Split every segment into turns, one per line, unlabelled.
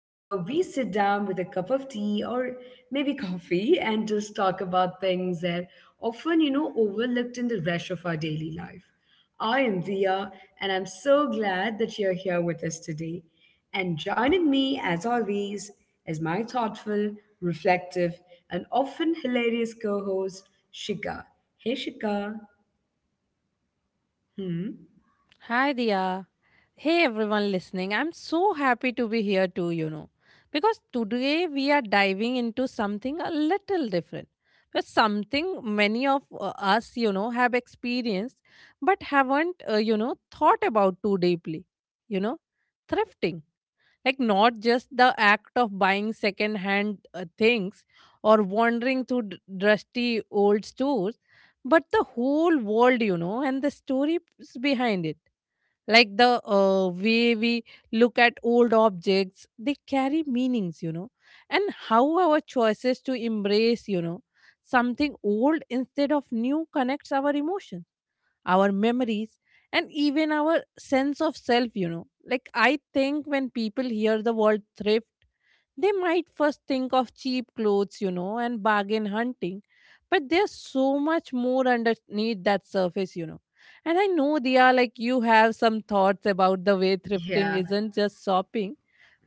where we sit down with a cup of tea or maybe coffee and just talk about things that often, overlooked in the rush of our daily life. I am Via, and I'm so glad that you're here with us today. And joining me, as always, is my thoughtful, reflective, and often hilarious co host, Shika. Hey, Shika. Hmm.
Hi, Dia. Hey, everyone listening. I'm so happy to be here too, you know, because today we are diving into something a little different. But something many of us, you know, have experienced but haven't thought about too deeply, you know, thrifting. Like, not just the act of buying second-hand things or wandering through dusty old stores, but the whole world, you know, and the stories behind it, like the way we look at old objects. They carry meanings, you know, and how our choices to embrace, you know, something old instead of new connects our emotions, our memories, and even our sense of self, you know. Like, I think when people hear the word thrift, they might first think of cheap clothes, you know, and bargain hunting, but there's so much more underneath that surface, you know. And I know they are like you have some thoughts about the way thrifting
Yeah.
isn't just shopping,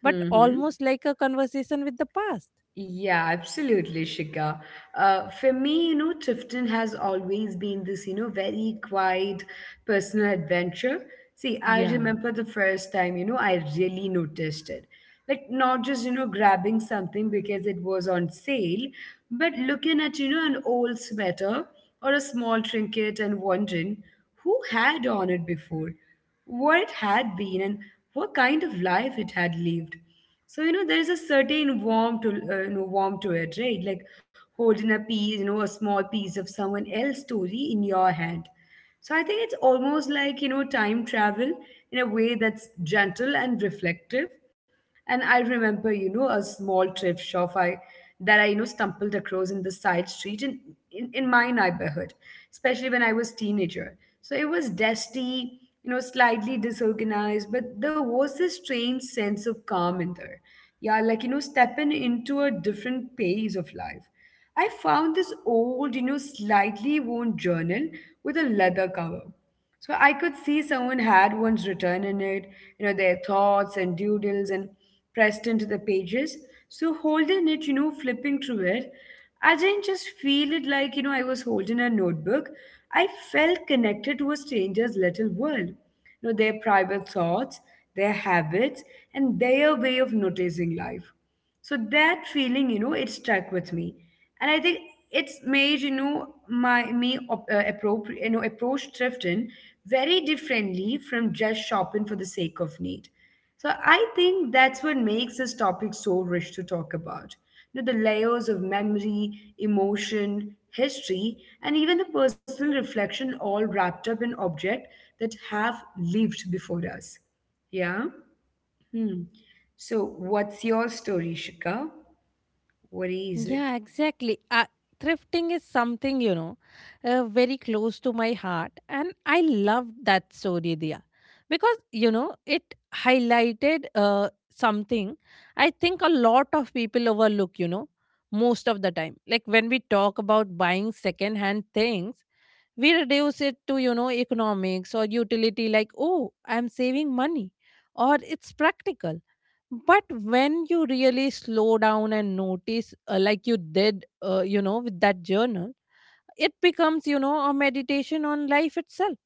but
Hmm.
almost like a conversation with the past.
Yeah, absolutely, Shika. For me, Tifton has always been this, very quiet personal adventure. See, I
Yeah.
remember the first time, I really noticed it. Like, not just, grabbing something because it was on sale, but looking at, an old sweater or a small trinket and wondering who had on it before, what it had been, and what kind of life it had lived. So, you know, there is a certain warmth to warmth to it, right? Like holding a piece, a small piece of someone else's story in your hand. So I think it's almost like, you know, time travel in a way that's gentle and reflective. And I remember, a small trip shop I that I, you know, stumbled across in the side street in my neighborhood, especially when I was teenager. So it was dusty, slightly disorganized, but there was this strange sense of calm in there. Yeah, like, stepping into a different pace of life. I found this old, slightly worn journal with a leather cover. So I could see someone had once written in it, their thoughts and doodles and pressed into the pages. So holding it, flipping through it, I didn't just feel it like, I was holding a notebook. I felt connected to a stranger's little world. You know, their private thoughts, their habits, and their way of noticing life. So that feeling, it stuck with me, and I think it's made you know my me op- appropri- you know approach thrifting very differently from just shopping for the sake of need. So I think that's what makes this topic so rich to talk about. You know, the layers of memory, emotion, history, and even the personal reflection all wrapped up in objects that have lived before us. Yeah. Hmm. So, what's your story, Shika? What is it?
Yeah, exactly. Thrifting is something, you know, very close to my heart. And I love that story, Dia, because, you know, it highlighted something I think a lot of people overlook, you know, most of the time. Like when we talk about buying second-hand things, we reduce it to, you know, economics or utility, like, oh, I'm saving money or it's practical. But when you really slow down and notice, like you did, you know, with that journal, it becomes, you know, a meditation on life itself.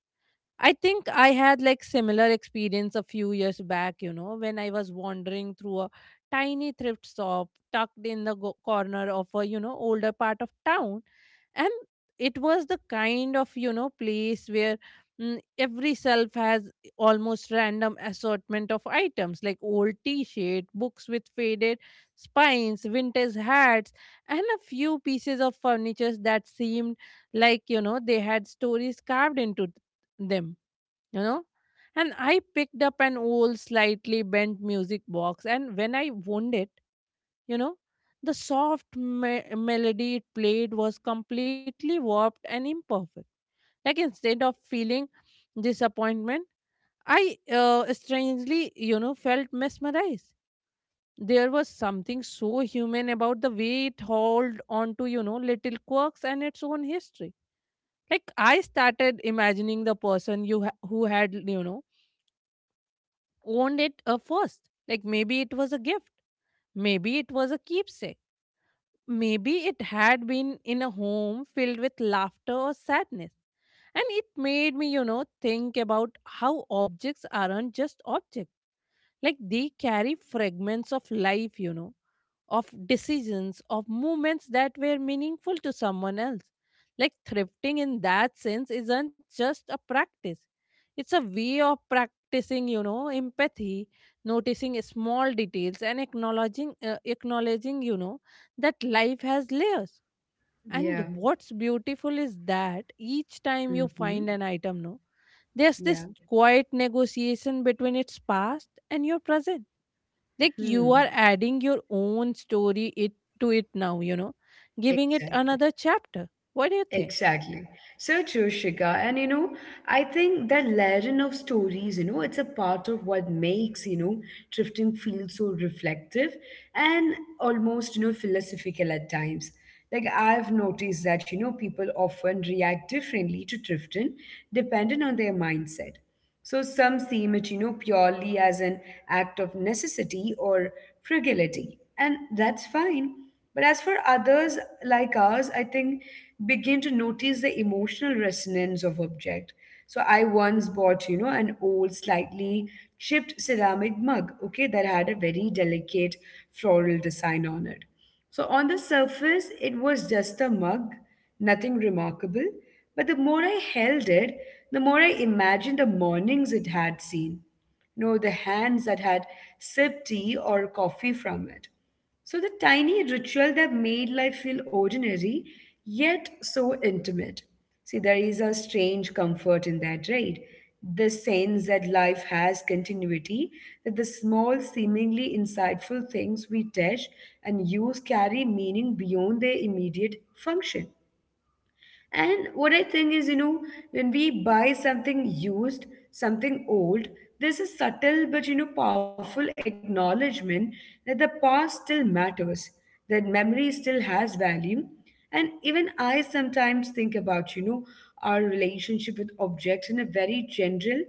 I think I had like similar experience a few years back, you know, when I was wandering through a tiny thrift shop tucked in the corner of a, you know, older part of town. And it was the kind of, you know, place where every shelf has almost random assortment of items, like old t-shirt, books with faded spines, vintage hats, and a few pieces of furniture that seemed like, you know, they had stories carved into them, you know. And I picked up an old, slightly bent music box, and when I wound it, you know, the soft melody it played was completely warped and imperfect. Like, instead of feeling disappointment, I strangely, you know, felt mesmerized. There was something so human about the way it held on to, you know, little quirks and its own history. Like, I started imagining the person who had, you know, owned it, first. Like, maybe it was a gift, maybe it was a keepsake, maybe it had been in a home filled with laughter or sadness. And it made me, you know, think about how objects aren't just objects. Like, they carry fragments of life, you know, of decisions, of movements that were meaningful to someone else. Like thrifting in that sense isn't just a practice, it's a way of practicing, you know, empathy, noticing small details, and acknowledging, you know, that life has layers. And
Yeah.
what's beautiful is that each time you find an
Mm-hmm.
item, no, there's this
Yeah.
quiet negotiation between its past and your present, like you
Hmm.
are adding your own story it to it now, you know, giving it
Exactly.
another chapter. What do you think?
Exactly. So true, Shika. And you know, I think that layering of stories, it's a part of what makes, drifting feel so reflective and almost, philosophical at times. Like I've noticed that, people often react differently to drifting depending on their mindset. So some see it, purely as an act of necessity or fragility, and that's fine. But as for others like us, I think begin to notice the emotional resonance of object. So I once bought, an old, slightly chipped ceramic mug, okay, that had a very delicate floral design on it. So on the surface, it was just a mug, nothing remarkable. But the more I held it, the more I imagined the mornings it had seen, the hands that had sipped tea or coffee from it. So the tiny ritual that made life feel ordinary, yet so intimate. See, there is a strange comfort in that, right? This sense that life has continuity, that the small, seemingly insightful things we touch and use carry meaning beyond their immediate function. And what I think is, when we buy something used, something old, there's a subtle but, powerful acknowledgement that the past still matters, that memory still has value. And even I sometimes think about, our relationship with objects in a very general,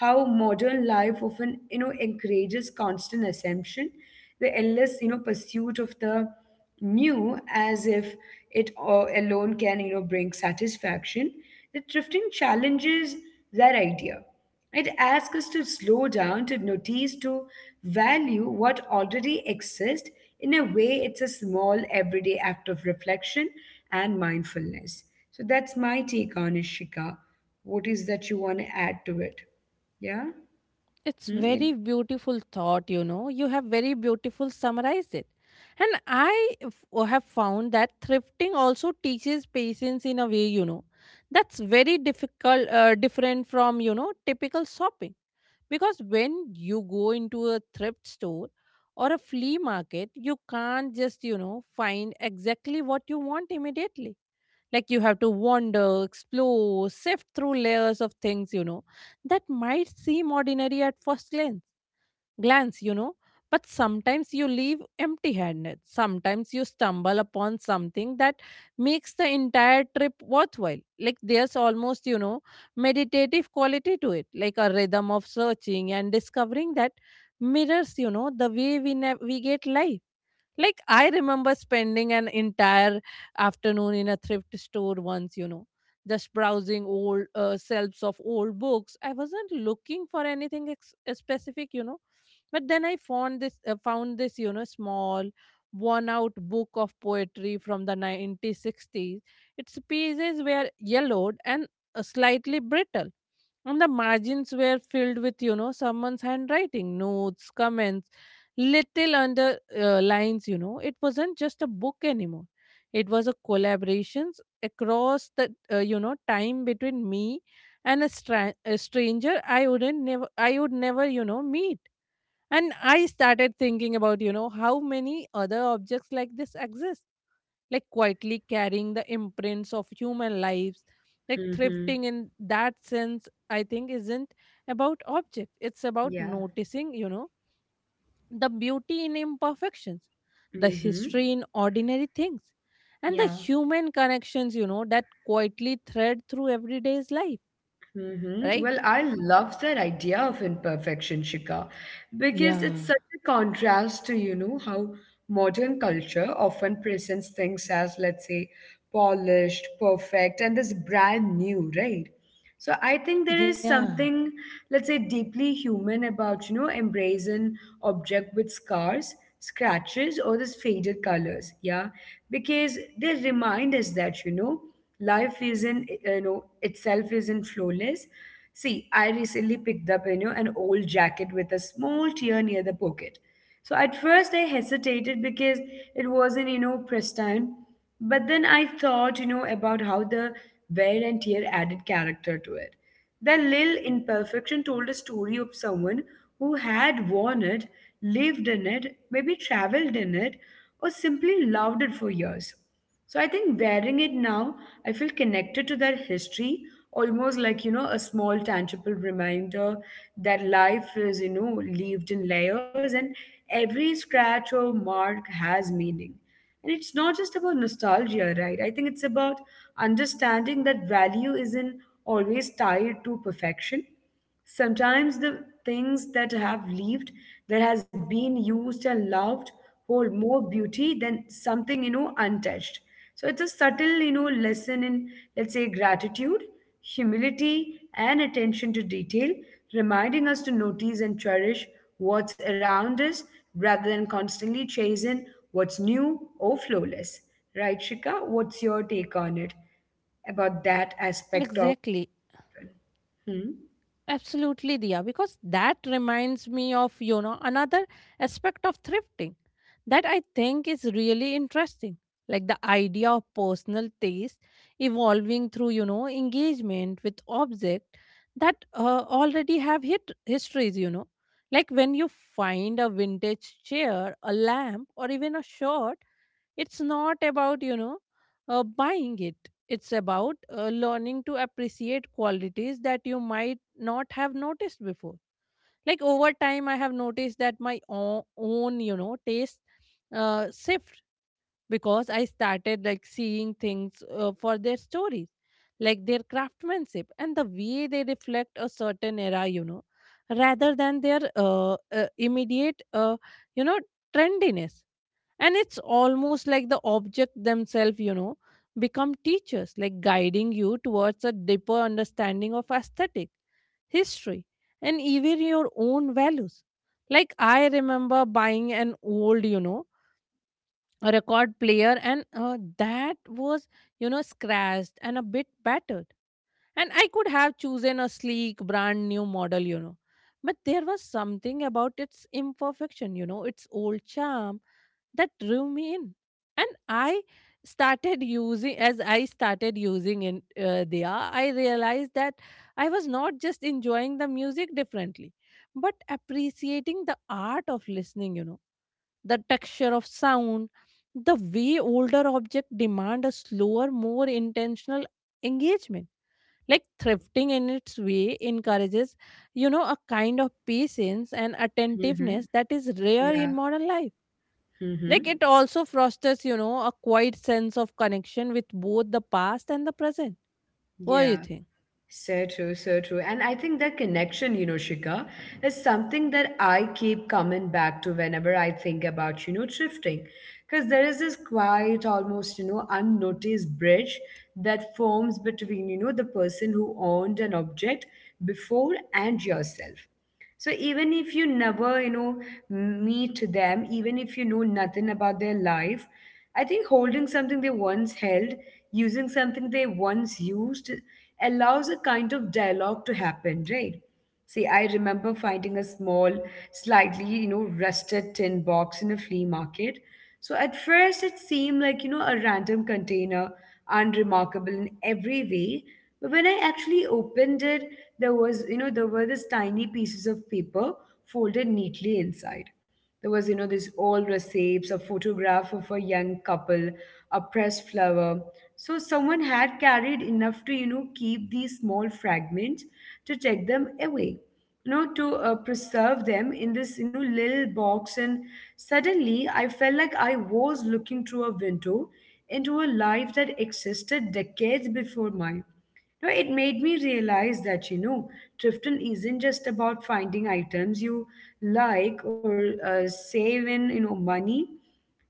how modern life often, encourages constant assumption, the endless, pursuit of the new, as if alone can, you know, bring satisfaction. The thrifting challenges that idea. It asks us to slow down, to notice, to value what already exists. In a way, it's a small everyday act of reflection and mindfulness. So that's my take on it, Shika. What is that you want to add to it? Yeah.
It's
Mm-hmm.
very beautiful thought, you know, you have very beautiful summarized it. And f- have found that thrifting also teaches patience in a way, you know, that's very difficult different from, you know, typical shopping. Because when you go into a thrift store or a flea market, you can't just, you know, find exactly what you want immediately. Like, you have to wander, explore, sift through layers of things, you know, that might seem ordinary at first glance, you know. But sometimes you leave empty handed. Sometimes you stumble upon something that makes the entire trip worthwhile. Like, there's almost, you know, meditative quality to it, like a rhythm of searching and discovering that mirrors, you know, the way we, we get life. Like, I remember spending an entire afternoon in a thrift store once, you know, just browsing old shelves of old books. I wasn't looking for anything specific, you know, but then I found this, you know, small worn out book of poetry from the 1960s. Its pages were yellowed and slightly brittle, and the margins were filled with, you know, someone's handwriting, notes, comments, little under lines, you know. It wasn't just a book anymore. It was a collaborations across the, you know, time between me and a, a stranger I would never, you know, meet. And I started thinking about, you know, how many other objects like this exist, like quietly carrying the imprints of human lives. Like thrifting in that sense, I think, isn't about objects, it's about
Yeah.
noticing, you know, the beauty in imperfections, the
Mm-hmm.
history in ordinary things, and the
Yeah.
human connections, you know, that quietly thread through everyday's life,
Hmm.
right?
Well, I love that idea of imperfection, Shika, because it's
Yeah.
such a contrast to, how modern culture often presents things as, let's say, polished, perfect, and this brand new, right? So I think there
Yeah.
is something, let's say, deeply human about, embracing object with scars, scratches, or this faded colors, yeah, because they remind us that, you know life isn't you know itself isn't flawless. See, I recently picked up, an old jacket with a small tear near the pocket. So at first I hesitated because it wasn't, pristine. But then I thought, about how the wear and tear added character to it. The little imperfection told a story of someone who had worn it, lived in it, maybe traveled in it, or simply loved it for years. So I think wearing it now, I feel connected to that history, almost like, a small tangible reminder that life is, lived in layers, and every scratch or mark has meaning. And it's not just about nostalgia, right? I think it's about understanding that value isn't always tied to perfection. Sometimes the things that have lived, that has been used and loved, hold more beauty than something, untouched. So it's a subtle, lesson in, let's say, gratitude, humility, and attention to detail, reminding us to notice and cherish what's around us rather than constantly chasing what's new or flawless. Right, Shika? What's your take on it about that aspect of?
Exactly.
Hmm?
Absolutely, Diya, because that reminds me of, you know, another aspect of thrifting that I think is really interesting. Like, the idea of personal taste evolving through, you know, engagement with objects that already have hit histories, you know. Like, when you find a vintage chair, a lamp, or even a shirt, it's not about, you know, buying it. It's about learning to appreciate qualities that you might not have noticed before. Like, over time I have noticed that my own, you know, taste shift, because I started like seeing things, for their stories, like their craftsmanship and the way they reflect a certain era, you know, rather than their immediate, you know, trendiness. And it's almost like the object themselves, you know, become teachers, like guiding you towards a deeper understanding of aesthetic, history, and even your own values. Like, I remember buying an old, you know, a record player, and that was, you know, scratched and a bit battered, and I could have chosen a sleek, brand new model, you know. But there was something about its imperfection, you know, its old charm that drew me in. And As I started using in Dia, I realized that I was not just enjoying the music differently, but appreciating the art of listening, you know, the texture of sound, the way older objects demand a slower, more intentional engagement. Like thrifting in its way encourages, you know, a kind of patience and attentiveness
Hmm.
that is rare in
Yeah.
modern life. Like,
Mm-hmm.
it also fosters, you know, a quiet sense of connection with both the past and the present. What do you
Yeah,
think?
so true, so true. And I think that connection, Shika, is something that I keep coming back to whenever I think about, thrifting. Because there is this quiet, almost, unnoticed bridge that forms between, the person who owned an object before and yourself. So even if you never, meet them, even if you know nothing about their life, I think holding something they once held, using something they once used, allows a kind of dialogue to happen, right? See, I remember finding a small, slightly, rusted tin box in a flea market. So at first, it seemed like, a random container, unremarkable in every way. But when I actually opened it, there was, there were these tiny pieces of paper folded neatly inside. There was, this old receipts, a photograph of a young couple, a pressed flower. So someone had carried enough to, keep these small fragments, to take them away, you know to preserve them in this, little box. And suddenly I felt like I was looking through a window into a life that existed decades before mine. No, it made me realize that, thrifting isn't just about finding items you like or save in, money.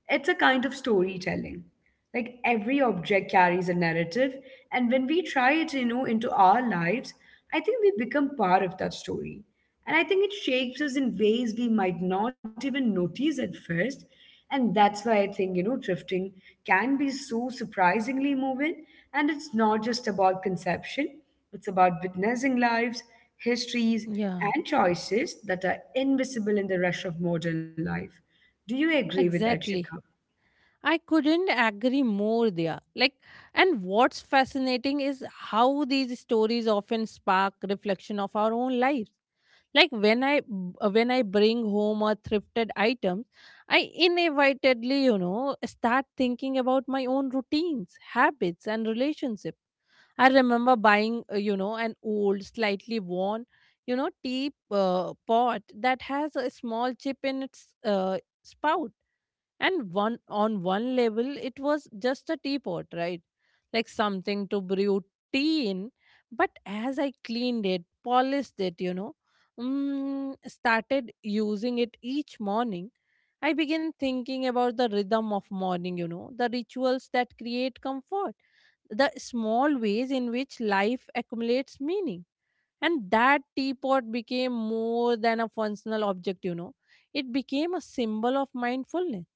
It's a kind of storytelling. Like every object carries a narrative, and when we try it, into our lives, I think we become part of that story. And I think it shapes us in ways we might not even notice at first. And that's why I think, drifting can be so surprisingly moving. And it's not just about conception, it's about witnessing lives, histories,
Yeah,
and choices that are invisible in the rush of modern life. Do you agree with that, Shikha?
exactly. I couldn't agree more there. Like, and what's fascinating is how these stories often spark reflection of our own lives. Like, when when I bring home a thrifted item, I inevitably, you know, start thinking about my own routines, habits, and relationships. I remember buying, you know, an old, slightly worn, you know, tea pot that has a small chip in its spout. And one on one level it was just a teapot, right? Like, something to brew tea in. But as I cleaned it, polished it, you know, started using it each morning, I began thinking about the rhythm of morning, you know, the rituals that create comfort, the small ways in which life accumulates meaning. And that teapot became more than a functional object, you know, it became a symbol of mindfulness,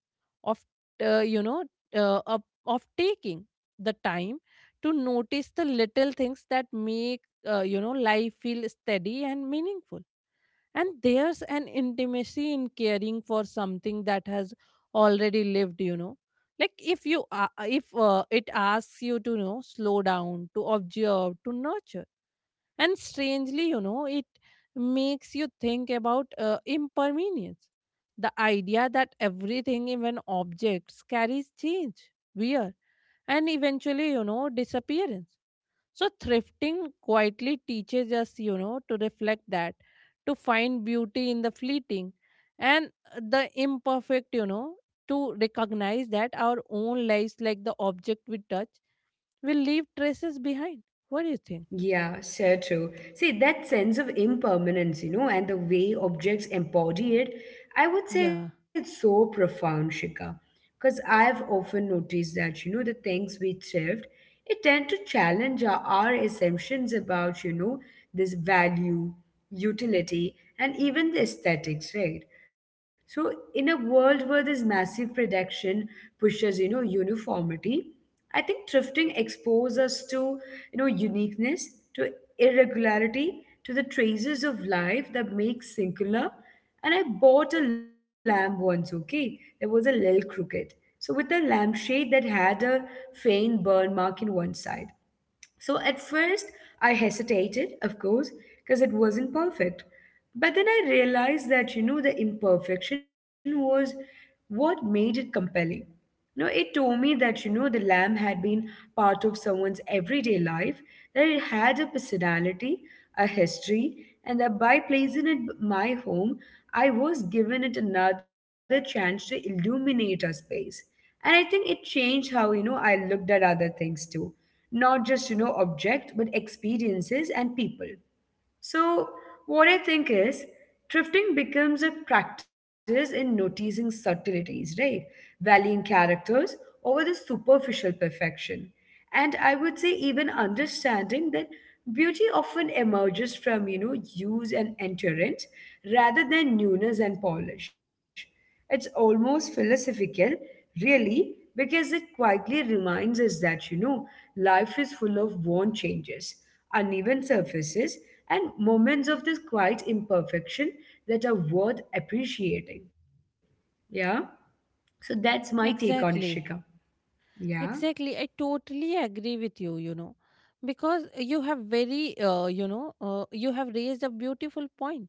of, you know, of taking the time to notice the little things that make, you know, life feel steady and meaningful. And there's an intimacy in caring for something that has already lived, you know, like, if you a- if it asks you to, you know, slow down, to observe, to nurture. And strangely, you know, it makes you think about impermanence. The idea that everything, even objects, carries change, wear, and eventually, you know, disappearance. So, thrifting quietly teaches us, you know, to reflect that, to find beauty in the fleeting and the imperfect, you know, to recognize that our own lives, like the object we touch, will leave traces behind. What do you think?
Yeah, so true. See, that sense of impermanence, and the way objects embody it, I would say
Yeah,
it's so profound, Shika. Because I've often noticed that, the things we thrift, it tend to challenge our assumptions about, this value, utility, and even the aesthetics, right? So in a world where this massive production pushes, uniformity, I think thrifting exposes us to, uniqueness, to irregularity, to the traces of life that make singular. And I bought a lamp once, okay? There was a little crooked. So with a lampshade that had a faint burn mark in one side. So at first, I hesitated, of course, because it wasn't perfect. But then I realized that, the imperfection was what made it compelling. No, it told me that, the lamb had been part of someone's everyday life, that it had a personality, a history, and that by placing it in my home, I was given it another chance to illuminate a space. And I think it changed how, I looked at other things too. Not just, object, but experiences and people. So, what I think is, thrifting becomes a practice in noticing subtleties, right? Valuing characters over the superficial perfection. And I would say, even understanding that beauty often emerges from, you know, use and endurance rather than newness and polish. It's almost philosophical, really, because it quietly reminds us that, you know, life is full of worn changes, uneven surfaces, and moments of this quiet imperfection that are worth appreciating. Yeah? So that's my take on it, Shika.
exactly.
Yeah?
Exactly. I totally agree with you, you know, because you have very, you know, you have raised a beautiful point.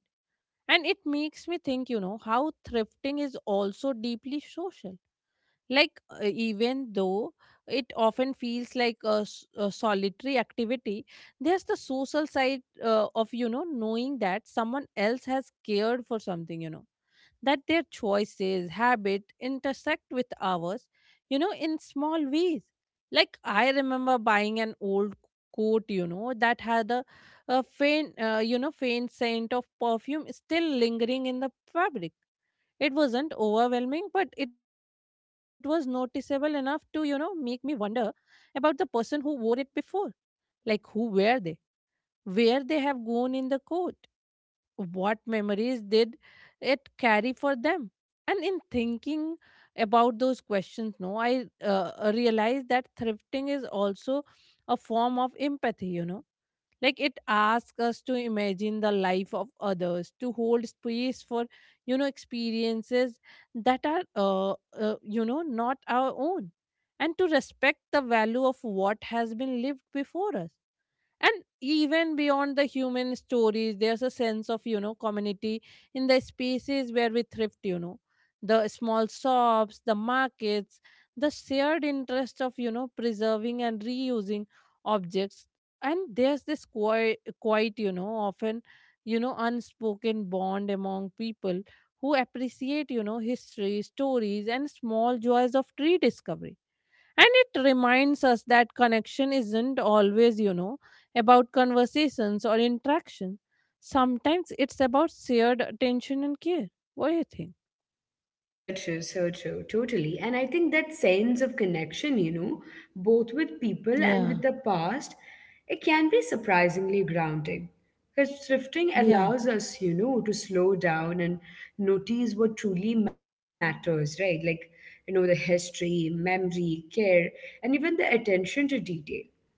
And it makes me think, you know, how thrifting is also deeply social. Like, even though it often feels like a, a solitary activity, there's the social side of, you know, knowing that someone else has cared for something, you know, that their choices, habit intersect with ours, you know, in small ways. Like I remember buying an old coat, you know, that had a faint, you know, faint scent of perfume still lingering in the fabric. It wasn't overwhelming, but it was noticeable enough to, you know, make me wonder about the person who wore it before. Like who were they? Where they have gone in the coat? What memories did it carry for them? And in thinking about those questions, no, I realized that thrifting is also a form of empathy, you know. Like it asks us to imagine the life of others, to hold space for, you know, experiences that are, you know, not our own, and to respect the value of what has been lived before us. And even beyond the human stories, there's a sense of, you know, community in the spaces where we thrift, you know, the small shops, the markets, the shared interest of, you know, preserving and reusing objects. And there's this quite you know often, you know, unspoken bond among people who appreciate, you know, history, stories, and small joys of rediscovery. And it reminds us that connection isn't always, you know, about conversations or interaction. Sometimes it's about shared attention and care. What do you think?
So true, totally. And I think that sense of connection, you know, both with people and
Yeah,
with the past, it can be surprisingly grounding. Because thrifting
yeah,
allows us, you know, to slow down and notice what truly matters, right? Like, you know, the history, memory, care, and even the attention to detail.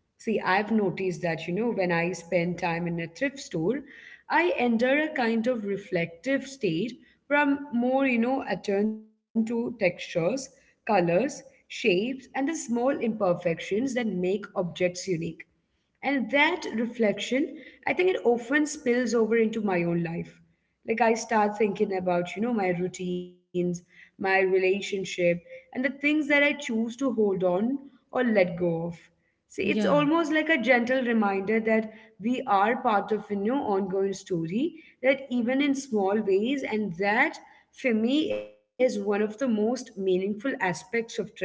See, I've noticed that, you know, when I spend time in a thrift store, I enter a kind of reflective state where I'm more, you know, attuned to textures, colors, shapes, and the small imperfections that make objects unique. And that reflection, I think it often spills over into my own life. Like I start thinking about, you know, my routines, my relationship, and the things that I choose to hold on or let go of. See, it's
yeah,
almost like a gentle reminder that we are part of a new ongoing story, that even in small ways, and that for me is one of the most meaningful aspects of drifting.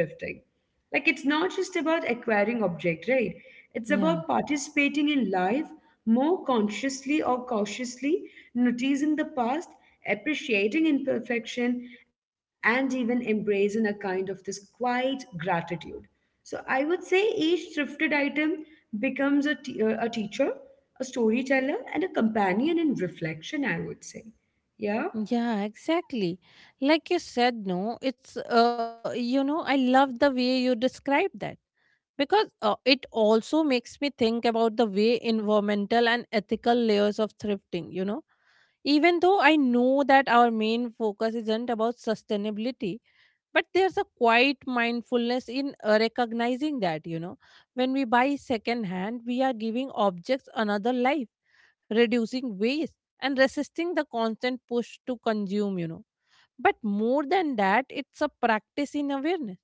Like it's not just about acquiring object, right? It's about
yeah.
participating in life more consciously or cautiously, noticing the past, appreciating imperfection, and even embracing a kind of this quiet gratitude. So I would say each thrifted item becomes a teacher, a storyteller, and a companion in reflection, I would say. Yeah?
Yeah, exactly. Like you said, no, it's, you know, I love the way you described that, because it also makes me think about the way environmental and ethical layers of thrifting, you know. Even though I know that our main focus isn't about sustainability, but there's a quiet mindfulness in recognizing that, you know, when we buy second hand, we are giving objects another life, reducing waste, and resisting the constant push to consume, you know. But more than that, it's a practice in awareness.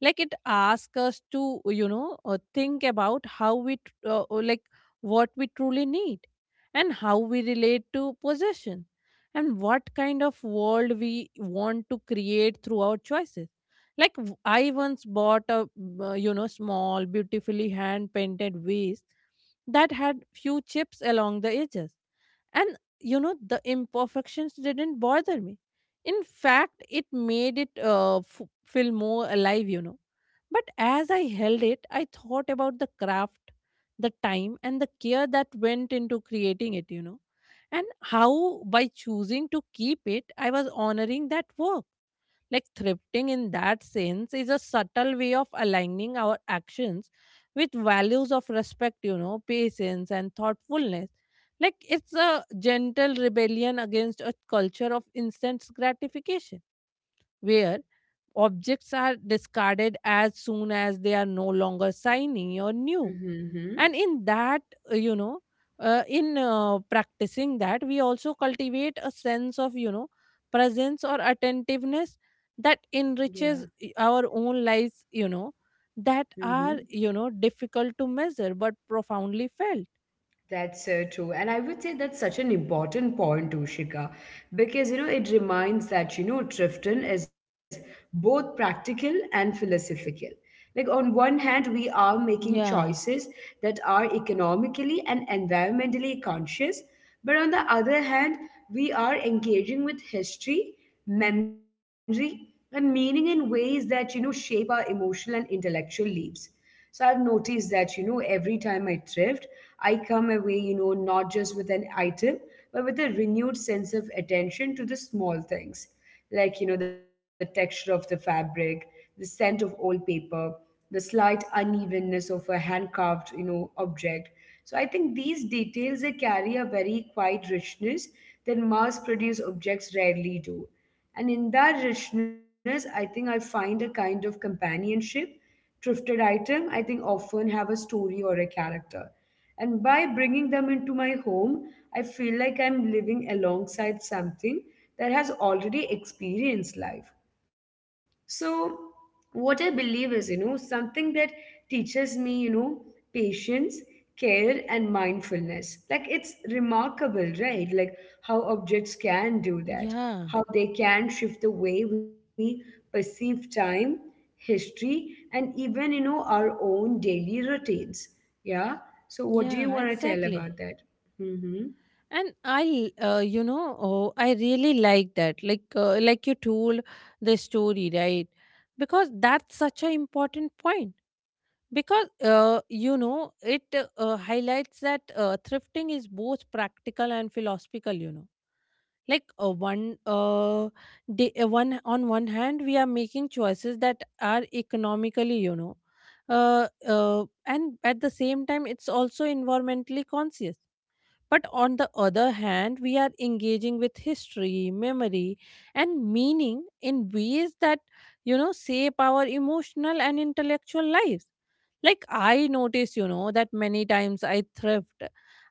Like it asks us to, you know, think about like what we truly need, and how we relate to possession, and what kind of world we want to create through our choices. Like I once bought a, you know, small, beautifully hand painted vase that had few chips along the edges. And you know, the imperfections didn't bother me. In fact, it made it feel more alive, you know. But as I held it, I thought about the craft, the time, and the care that went into creating it, you know. And how, by choosing to keep it, I was honoring that work. Like thrifting in that sense is a subtle way of aligning our actions with values of respect, you know, patience, and thoughtfulness. Like it's a gentle rebellion against a culture of instant gratification, where objects are discarded as soon as they are no longer shiny or new.
Mm-hmm.
And in that, you know, in practicing that, we also cultivate a sense of, you know, presence or attentiveness that
Yeah.
enriches our own lives, you know, that
Mm-hmm.
are, you know, difficult to measure but profoundly felt.
That's so true. And I would say that's such an important point, Ushika, because you know it reminds that you know Trifton is both practical and philosophical. Like on one hand, we are
Yeah,
making choices that are economically and environmentally conscious, but on the other hand, we are engaging with history, memory, and meaning in ways that you know shape our emotional and intellectual lives. So I've noticed that, you know, every time I thrift, I come away, you know, not just with an item, but with a renewed sense of attention to the small things, like, you know, the texture of the fabric, the scent of old paper, the slight unevenness of a hand carved, you know, object. So I think these details they carry a very quiet richness that mass produced objects rarely do. And in that richness, I think I find a kind of companionship thrifted item, I think often have a story or a character. And by bringing them into my home, I feel like I'm living alongside something that has already experienced life. So, what I believe is, you know, something that teaches me, you know, patience, care, and mindfulness. Like, it's remarkable, right? Like, how objects can do that,
yeah,
how they can shift the way we perceive time, history, and even, you know, our own daily routines. Yeah. So, what do you
yeah,
want to tell
exactly.
about that? Mm-hmm.
And I, you know, oh, I really like that. Like like you told the story, right? Because that's such an important point, because you know it highlights that thrifting is both practical and philosophical, you know. Like, one day, one on one hand, we are making choices that are economically, you know, and at the same time it's also environmentally conscious. But on the other hand, we are engaging with history, memory, and meaning in ways that, you know, shape our emotional and intellectual lives. Like I notice, you know, that many times I thrift,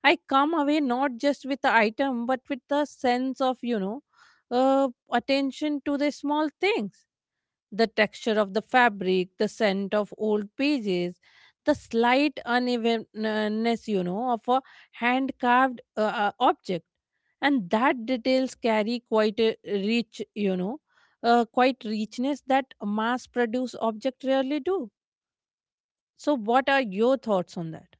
I come away not just with the item, but with the sense of, you know, attention to the small things, the texture of the fabric, the scent of old pages, the slight unevenness, you know, of a hand carved object. And that details carry quite a rich, you know, quite richness that mass produced object rarely do. So, what are your thoughts on that?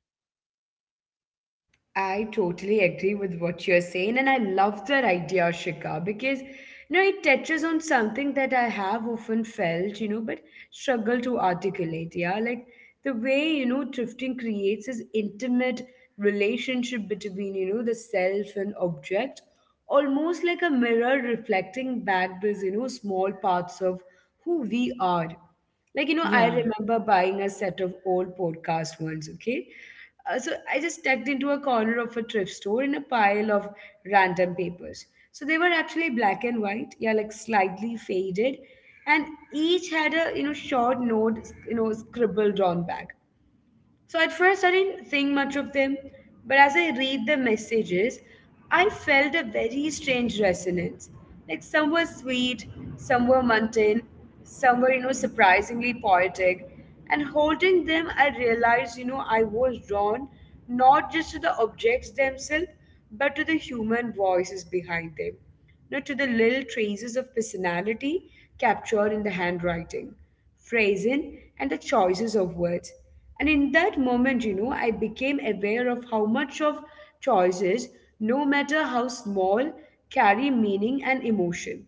I totally agree with what you're saying, and I love that idea, Shika, because you know it touches on something that I have often felt, you know, but struggle to articulate. Yeah, like the way you know drifting creates this intimate relationship between you know the self and object, almost like a mirror reflecting back these you know small parts of who we are. Like, you know, I
Yeah,
remember buying a set of old podcasts once, okay? So I just tucked into a corner of a thrift store in a pile of random papers. So they were actually black and white, yeah, like slightly faded, and each had a you know short note, you know, scribbled on back. So at first, I didn't think much of them, but as I read the messages, I felt a very strange resonance. Like some were sweet, some were mundane, some were, you know, surprisingly poetic. And holding them, I realized, you know, I was drawn not just to the objects themselves, but to the human voices behind them, you know, to the little traces of personality captured in the handwriting phrasing, and the choices of words. And in that moment, you know, I became aware of how much of choices, no matter how small, carry meaning and emotion.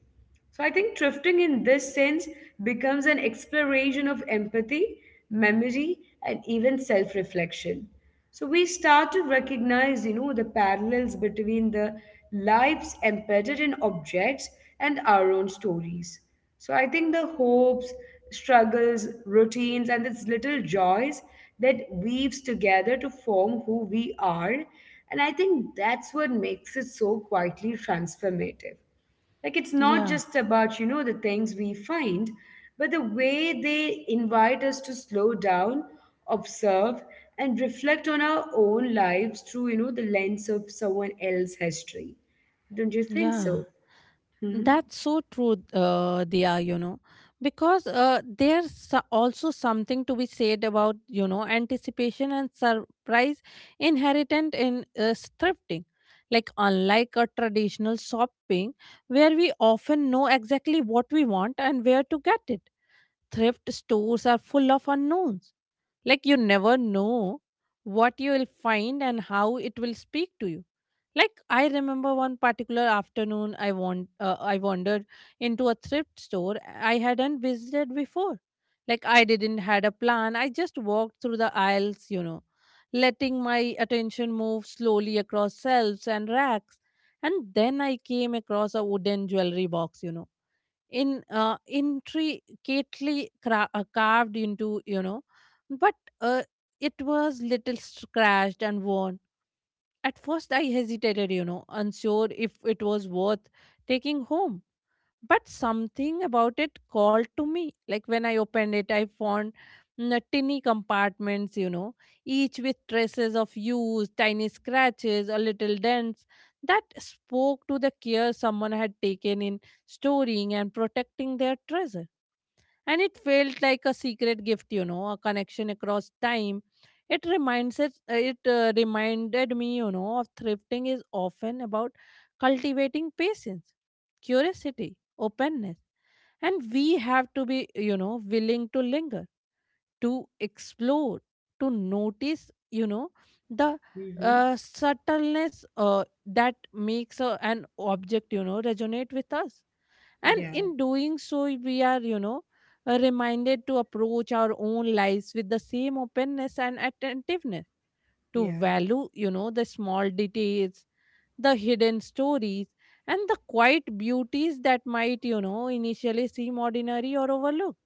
So I think thrifting in this sense becomes an exploration of empathy, memory, and even self reflection. So we start to recognize, you know, the parallels between the lives embedded in objects and our own stories. So I think the hopes, struggles, routines, and its little joys that weaves together to form who we are. And I think that's what makes it so quietly transformative. Like it's not
yeah,
just about, you know, the things we find, but the way they invite us to slow down, observe, and reflect on our own lives through, you know, the lens of someone else's history. Don't you think
yeah.
so? Hmm?
That's so true, Dia, you know, because there's also something to be said about, you know, anticipation and surprise inherent in thrifting. Like, unlike a traditional shopping, where we often know exactly what we want and where to get it, thrift stores are full of unknowns. Like, you never know what you will find and how it will speak to you. Like I remember one particular afternoon, I wandered into a thrift store I hadn't visited before. Like I didn't had a plan. I just walked through the aisles, you know, letting my attention move slowly across shelves and racks. And then I came across a wooden jewelry box, you know, in intricately cra- carved into, you know, but uh, it was little scratched and worn. At first, I hesitated, you know, unsure if it was worth taking home. But something about it called to me. Like when I opened it, I found tiny compartments, you know, each with traces of use, tiny scratches, a little dents that spoke to the care someone had taken in storing and protecting their treasure. And it felt like a secret gift, you know, a connection across time. It reminded me, you know, of thrifting is often about cultivating patience, curiosity, openness, and we have to be, you know, willing to linger, to explore, to notice, you know, the
Mm-hmm.
subtleness that makes an object, you know, resonate with us. And
Yeah,
in doing so, we are, you know, reminded to approach our own lives with the same openness and attentiveness, to
yeah.
value, you know, the small details, the hidden stories, and the quiet beauties that might, you know, initially seem ordinary or overlooked.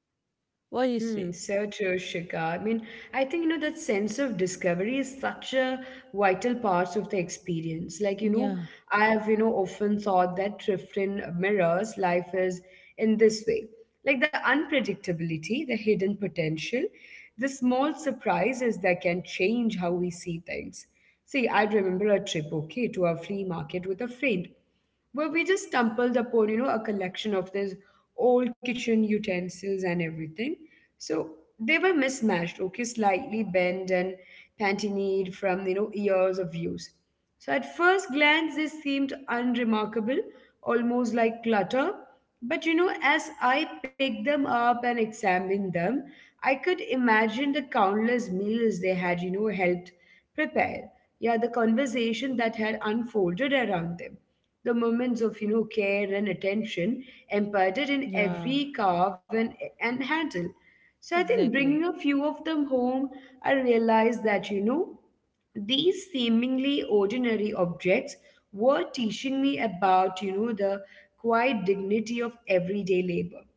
What
Hmm,
do you
so
say?
true, Shikha. I mean, I think, you know, that sense of discovery is such a vital part of the experience. Like, you know,
Yeah,
I have, you know, often thought that Trifton mirrors life is in this way. Like the unpredictability, the hidden potential, the small surprises that can change how we see things. See, I remember a trip, okay, to a flea market with a friend where we just stumbled upon, you know, a collection of these old kitchen utensils and everything. So they were mismatched, okay, slightly bent and pantined from, you know, years of use. So at first glance, they seemed unremarkable, almost like clutter. But you know, as I picked them up and examined them, I could imagine the countless meals they had, you know, helped prepare. Yeah, the conversation that had unfolded around them. The moments of, you know, care and attention imparted in
yeah.
every carve and handle. So I think bringing a
Exactly.
few of them home, I realized that, you know, these seemingly ordinary objects were teaching me about you know the quiet dignity of everyday labor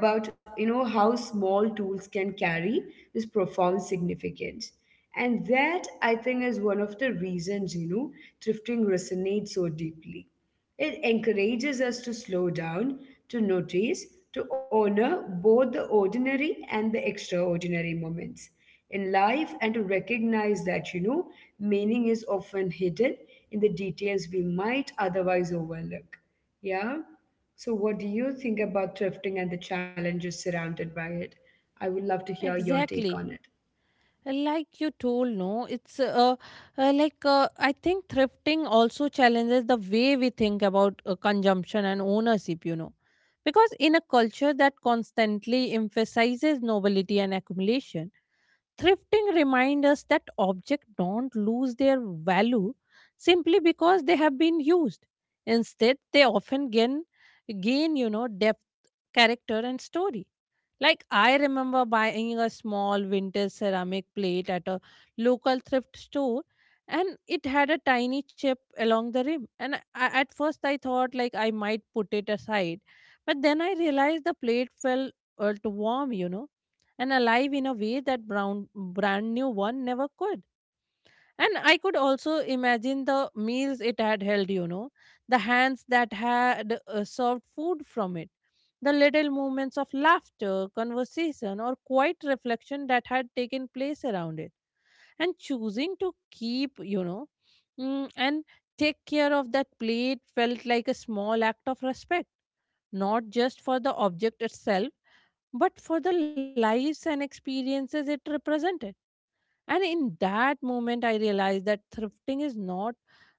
about you know how small tools can carry this profound significance and that I think is one of the reasons you know thrifting resonates so deeply. It encourages us to slow down, to notice, to honor both the ordinary and the extraordinary moments in life and to recognize that, you know, meaning is often hidden in the details we might otherwise overlook. Yeah? So, what do you think about thrifting and the challenges surrounded by it? I would love to hear your take
Exactly.
on it.
Like you told, no, it's like I think thrifting also challenges the way we think about consumption and ownership, you know. Because in a culture that constantly emphasizes novelty and accumulation, thrifting reminds us that objects don't lose their value simply because they have been used. Instead, they often gain, you know, depth, character, and story. Like, I remember buying a small vintage ceramic plate at a local thrift store, and it had a tiny chip along the rim. And at first, I thought like I might put it aside, but then I realized the plate felt warm, you know, and alive in a way that brand new one never could. And I could also imagine the meals it had held, you know, the hands that had served food from it, the little moments of laughter, conversation, or quiet reflection that had taken place around it. And choosing to keep, you know, and take care of that plate felt like a small act of respect, not just for the object itself, but for the lives and experiences it represented. And in that moment, I realized that thrifting is not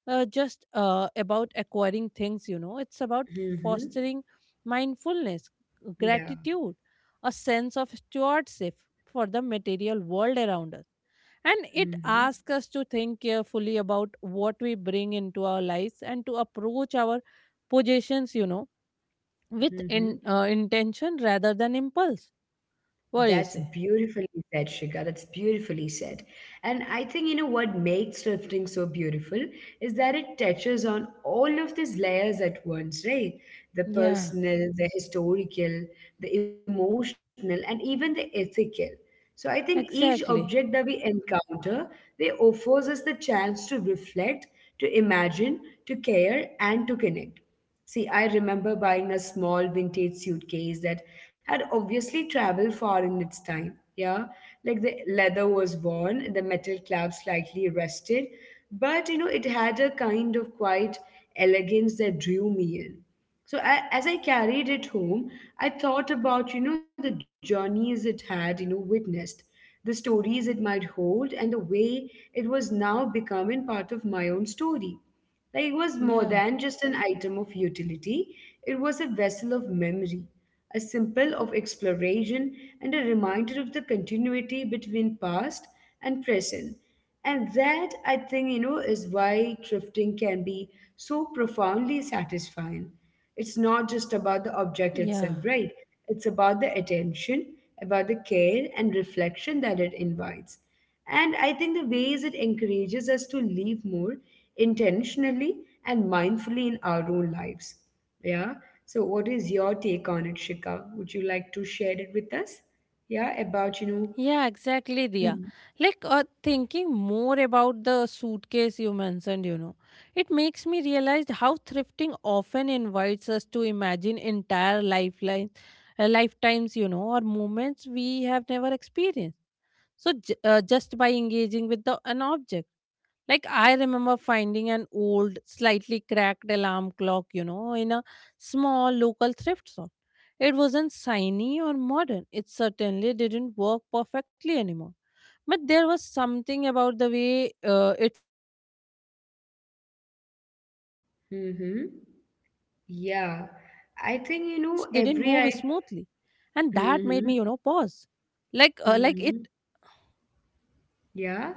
just about acquiring things, you know, it's about
Hmm?
fostering mindfulness,
Yeah.
gratitude, a sense of stewardship for the material world around us. And it
Hmm.
asks us to think carefully about what we bring into our lives, and to approach our possessions, you know, with
Hmm.
intention rather than impulse. What
That's
do you say?
beautifully said, Shika. That's beautifully said. And I think, you know, what makes thrifting so beautiful is that it touches on all of these layers at once, right? The
Yeah,
personal, the historical, the emotional, and even the ethical. So I think each object that
exactly.
we encounter, they offers us the chance to reflect, to imagine, to care, and to connect. See, I remember buying a small vintage suitcase that had obviously traveled far in its time. Yeah, like the leather was worn, the metal clasp slightly rusted, but you know, it had a kind of quiet elegance that drew me in. So I, as I carried it home, I thought about, you know, the journeys it had, you know, witnessed, the stories it might hold, and the way it was now becoming part of my own story. Like it was more
Yeah,
than just an item of utility, it was a vessel of memory, a symbol of exploration, and a reminder of the continuity between past and present. And that, I think, you know, is why thrifting can be so profoundly satisfying. It's not just about the object
yeah.
itself, right? It's about the attention, about the care and reflection that it invites. And I think the ways it encourages us to live more intentionally and mindfully in our own lives. Yeah. So what is your take on it, Shika? Would you like to share it with us? Yeah, about, you know,
Yeah, exactly, Dia. Like thinking more about the suitcase you mentioned, you know, it makes me realize how thrifting often invites us to imagine entire lifetimes, you know, or moments we have never experienced. So just by engaging with the an object. Like, I remember finding an old, slightly cracked alarm clock, you know, in a small local thrift store. It wasn't shiny or modern. It certainly didn't work perfectly anymore. But there was something about the way its hands moved, you know, or rather,
mm-hmm.
almost didn't move
Yeah.
smoothly.
I
And
think, you
that
know,
made me, you
every
know,
I
pause.
mm-hmm.
Like it,
Mm-hmm.
yeah, yeah.
Yeah.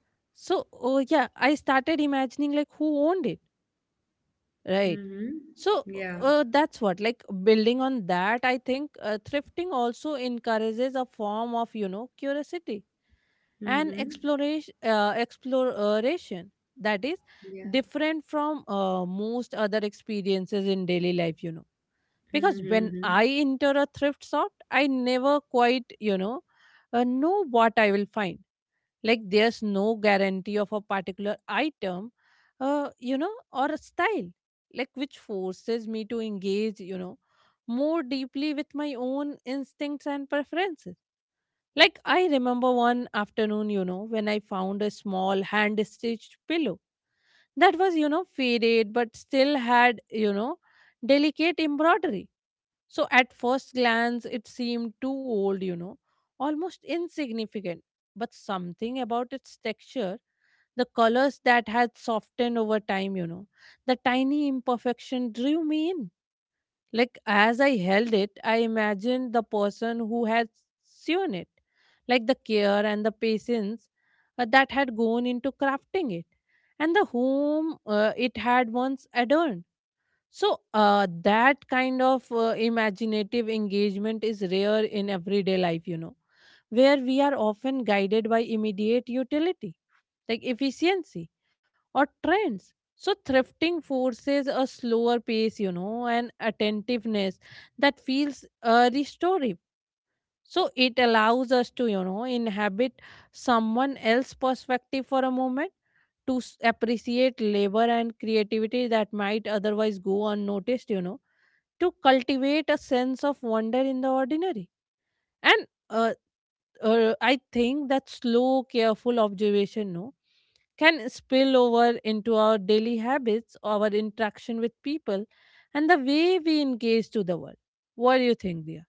So, yeah, I started imagining like who owned it. Right.
Mm-hmm.
So
Yeah.
that's what, like building on that, I think thrifting also encourages a form of, you know, curiosity and
Mm-hmm.
exploration that is
Yeah,
different from most other experiences in daily life, you know. Because when
Mm-hmm.
I enter a thrift shop, I never quite, you know what I will find. Like there's no guarantee of a particular item, you know, or a style, like which forces me to engage, you know, more deeply with my own instincts and preferences. Like I remember one afternoon, you know, when I found a small hand stitched pillow that was, you know, faded but still had, you know, delicate embroidery. So at first glance, it seemed too old, you know, almost insignificant. But something about its texture, the colors that had softened over time, you know, the tiny imperfection drew me in. Like as I held it, I imagined the person who had sewn it, like the care and the patience that had gone into crafting it, and the home it had once adorned. So that kind of imaginative engagement is rare in everyday life, you know, where we are often guided by immediate utility, like efficiency or trends. So, thrifting forces a slower pace, you know, and attentiveness that feels restorative. So, it allows us to, you know, inhabit someone else's perspective for a moment to appreciate labor and creativity that might otherwise go unnoticed, you know, to cultivate a sense of wonder in the ordinary. And I think that slow, careful observation, no, can spill over into our daily habits, our interaction with people, and the way we engage to the world. What do you think, dear?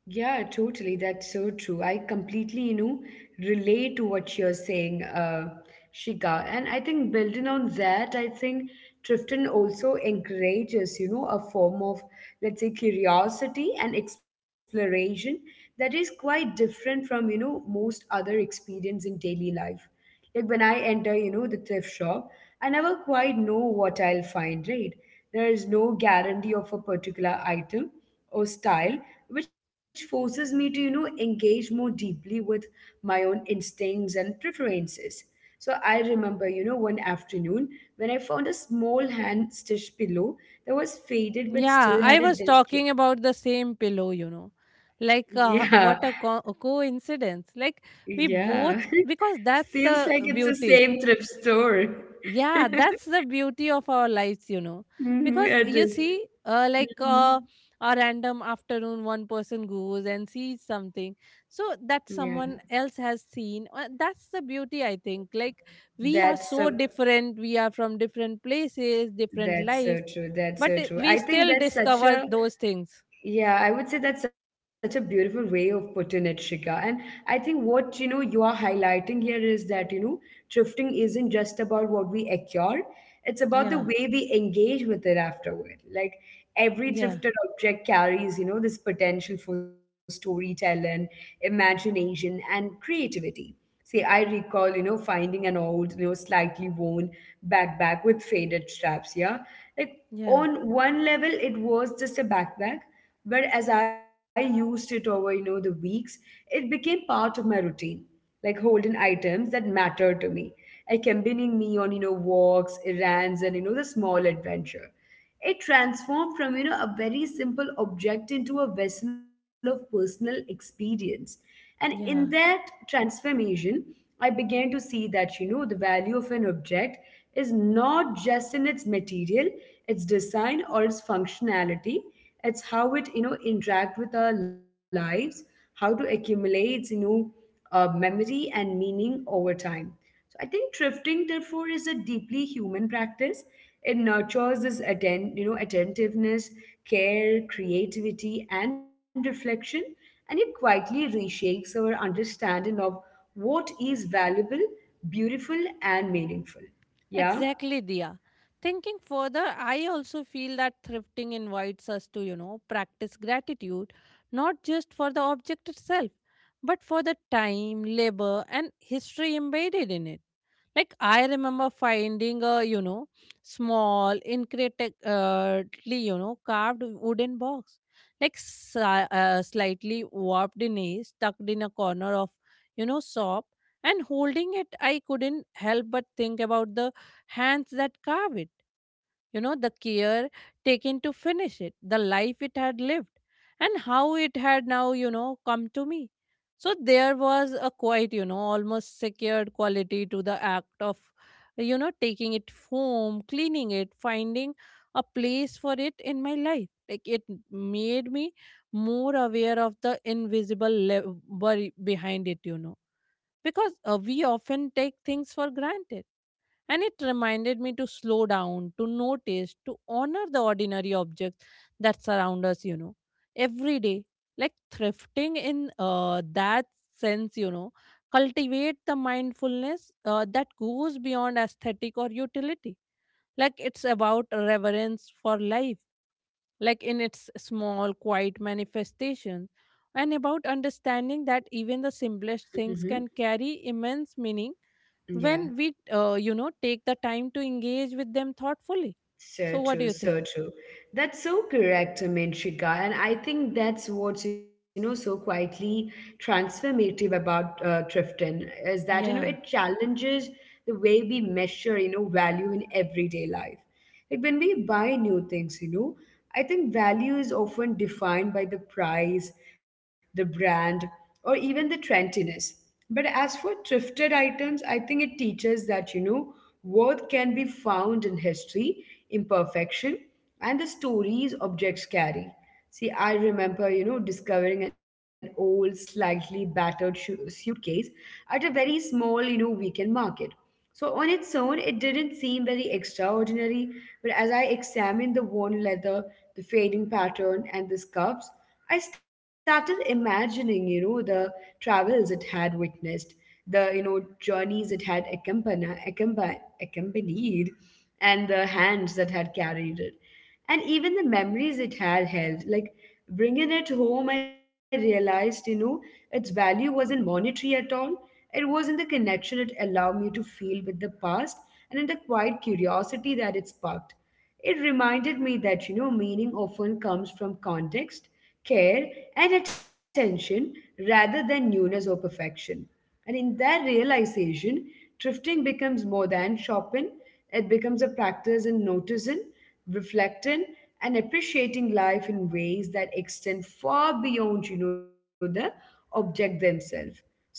Yeah, totally. That's so true. I completely, you know, relate to what you're saying, Shika. And I think building on that, I think Trifton also encourages, you know, a form of, let's say, curiosity and exploration that is quite different from, you know, most other experience in daily life. Like when I enter, you know, the thrift shop, I never quite know what I'll find, right? There is no guarantee of a particular item or style, which forces me to engage more deeply with my own instincts and preferences. So I remember, one afternoon when I found a small hand stitched pillow that was faded but
Yeah,
still
I
had a
was
delicate.
talking about the same pillow, you know. Like,
Yeah.
what a, a coincidence. Like, we
Yeah.
both, because that's
Seems like
the
it's the same
beauty.
thrift store.
Yeah, that's the beauty of our lives, you know.
Mhm,
Because
it
you
is.
see like
Mhm.
a random afternoon, one person goes and sees something so
Yeah,
that someone else has seen. That's the beauty, I think. Like we are
that's
so
so
different, we are from different places, different
that's
lives,
so true. That's
but
so true.
we
I think
still
that's such
discover
a.
those things.
Yeah, I would say that's such a beautiful way of putting it, Shika. And I think what you are highlighting here is that, thrifting isn't just about what we acquire; it's about the
Yeah,
way we engage with it afterward. Like every
yeah,
thrifted object carries, this potential for storytelling, imagination, and creativity. See, I recall, finding an old, slightly worn backpack with faded straps. Yeah, like
yeah,
on one level it was just a backpack, but as I used it over, the weeks, it became part of my routine, like holding items that matter to me, accompanying me on, walks, errands, and the small adventure. It transformed from, a very simple object into a vessel of personal experience. And in
yeah.
that transformation, I began to see that, the value of an object is not just in its material, its design, or its functionality. It's how it, interact with our lives, how to accumulate, memory and meaning over time. So I think thrifting, therefore, is a deeply human practice. It nurtures this attentiveness, care, creativity, and reflection, and it quietly reshapes our understanding of what is valuable, beautiful, and meaningful. Yeah.
Exactly, Diya. Thinking further, I also feel that thrifting invites us to, you know, practice gratitude, not just for the object itself, but for the time, labor, and history embedded in it. Like, I remember finding a, you know, small, intricately, you know, carved wooden box, like slightly warped in age, tucked in a corner of, you know, shop. And holding it, I couldn't help but think about the hands that carve it, you know, the care taken to finish it, the life it had lived, and how it had now, you know, come to me. So there was a quite, you know, almost secured quality to the act of, you know, taking it home, cleaning it, finding a place for it in my life. Like it made me more aware of the invisible labor behind it, you know, because we often take things for granted, and it reminded me to slow down, to notice, to honor the ordinary objects that surround us, you know, every day. Like thrifting in that sense, you know, cultivate the mindfulness that goes beyond aesthetic or utility. Like it's about reverence for life, like in its small, quiet manifestations, and about understanding that even the simplest things
Hmm.
can carry immense meaning
Yeah.
when we, you know, take the time to engage with them thoughtfully.
So
So, what do
true,
you
so
think?
true. That's so correct, I mean, Shika. And I think that's what's, so quietly transformative about Trifton is that, it
Yeah,
challenges the way we measure, value in everyday life. Like when we buy new things, I think value is often defined by the price, the brand, or even the trendiness. But as for thrifted items, I think it teaches that, worth can be found in history, imperfection, and the stories objects carry. See, I remember, discovering an old, slightly battered suitcase at a very small, weekend market. So on its own, it didn't seem very extraordinary, but as I examined the worn leather, the fading pattern, and the scuffs, I started imagining, the travels it had witnessed, the journeys it had accompanied, accompanied, and the hands that had carried it and even the memories it had held. Like bringing it home, I realized, its value wasn't monetary at all. It was in the connection it allowed me to feel with the past, and in the quiet curiosity that it sparked. It reminded me that, meaning often comes from context, care, and attention rather than newness or perfection. And in that realization, thrifting becomes more than shopping. It becomes a practice in noticing, reflecting, and appreciating life in ways that extend far beyond, the object themselves. So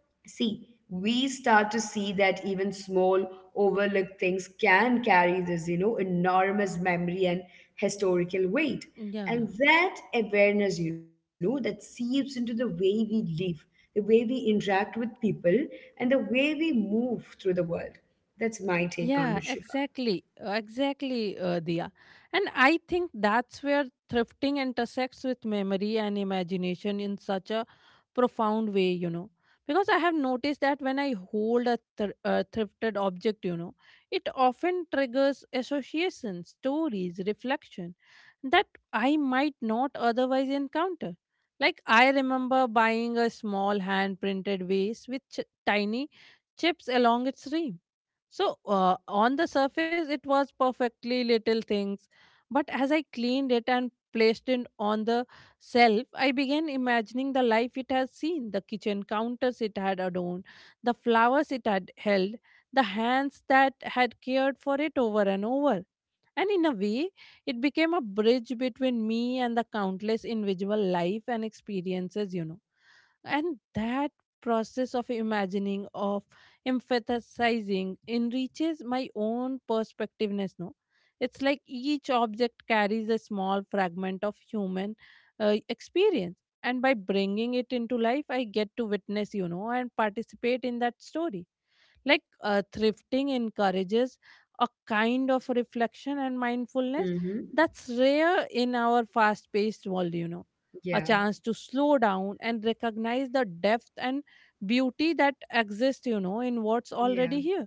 see, we start to see that even small, overlooked things can carry this, enormous memory and historical weight. And
yeah.
that awareness, that seeps into the way we live, the way we interact with people, and the way we move through the world. That's my take on
Yeah,
it, Shika.
exactly. Exactly, Dia. And I think that's where thrifting intersects with memory and imagination in such a profound way, you know. Because I have noticed that when I hold a, a thrifted object, you know, it often triggers associations, stories, reflection that I might not otherwise encounter. Like, I remember buying a small hand printed vase with tiny chips along its rim. So, on the surface, it was perfectly little things. But as I cleaned it and placed it on the shelf, I began imagining the life it has seen, the kitchen counters it had adorned, the flowers it had held, the hands that had cared for it over and over. And in a way, it became a bridge between me and the countless individual life and experiences, you know. And that process of imagining, of emphasizing, enriches my own perspectiveness, no? It's like each object carries a small fragment of human experience. And by bringing it into life, I get to witness, you know, and participate in that story. Like thrifting encourages a kind of reflection and mindfulness
Mm-hmm.
that's rare in our fast paced world, you know. A
Yeah.
chance to slow down and recognize the depth and beauty that exists, you know, in what's
Yeah.
already here.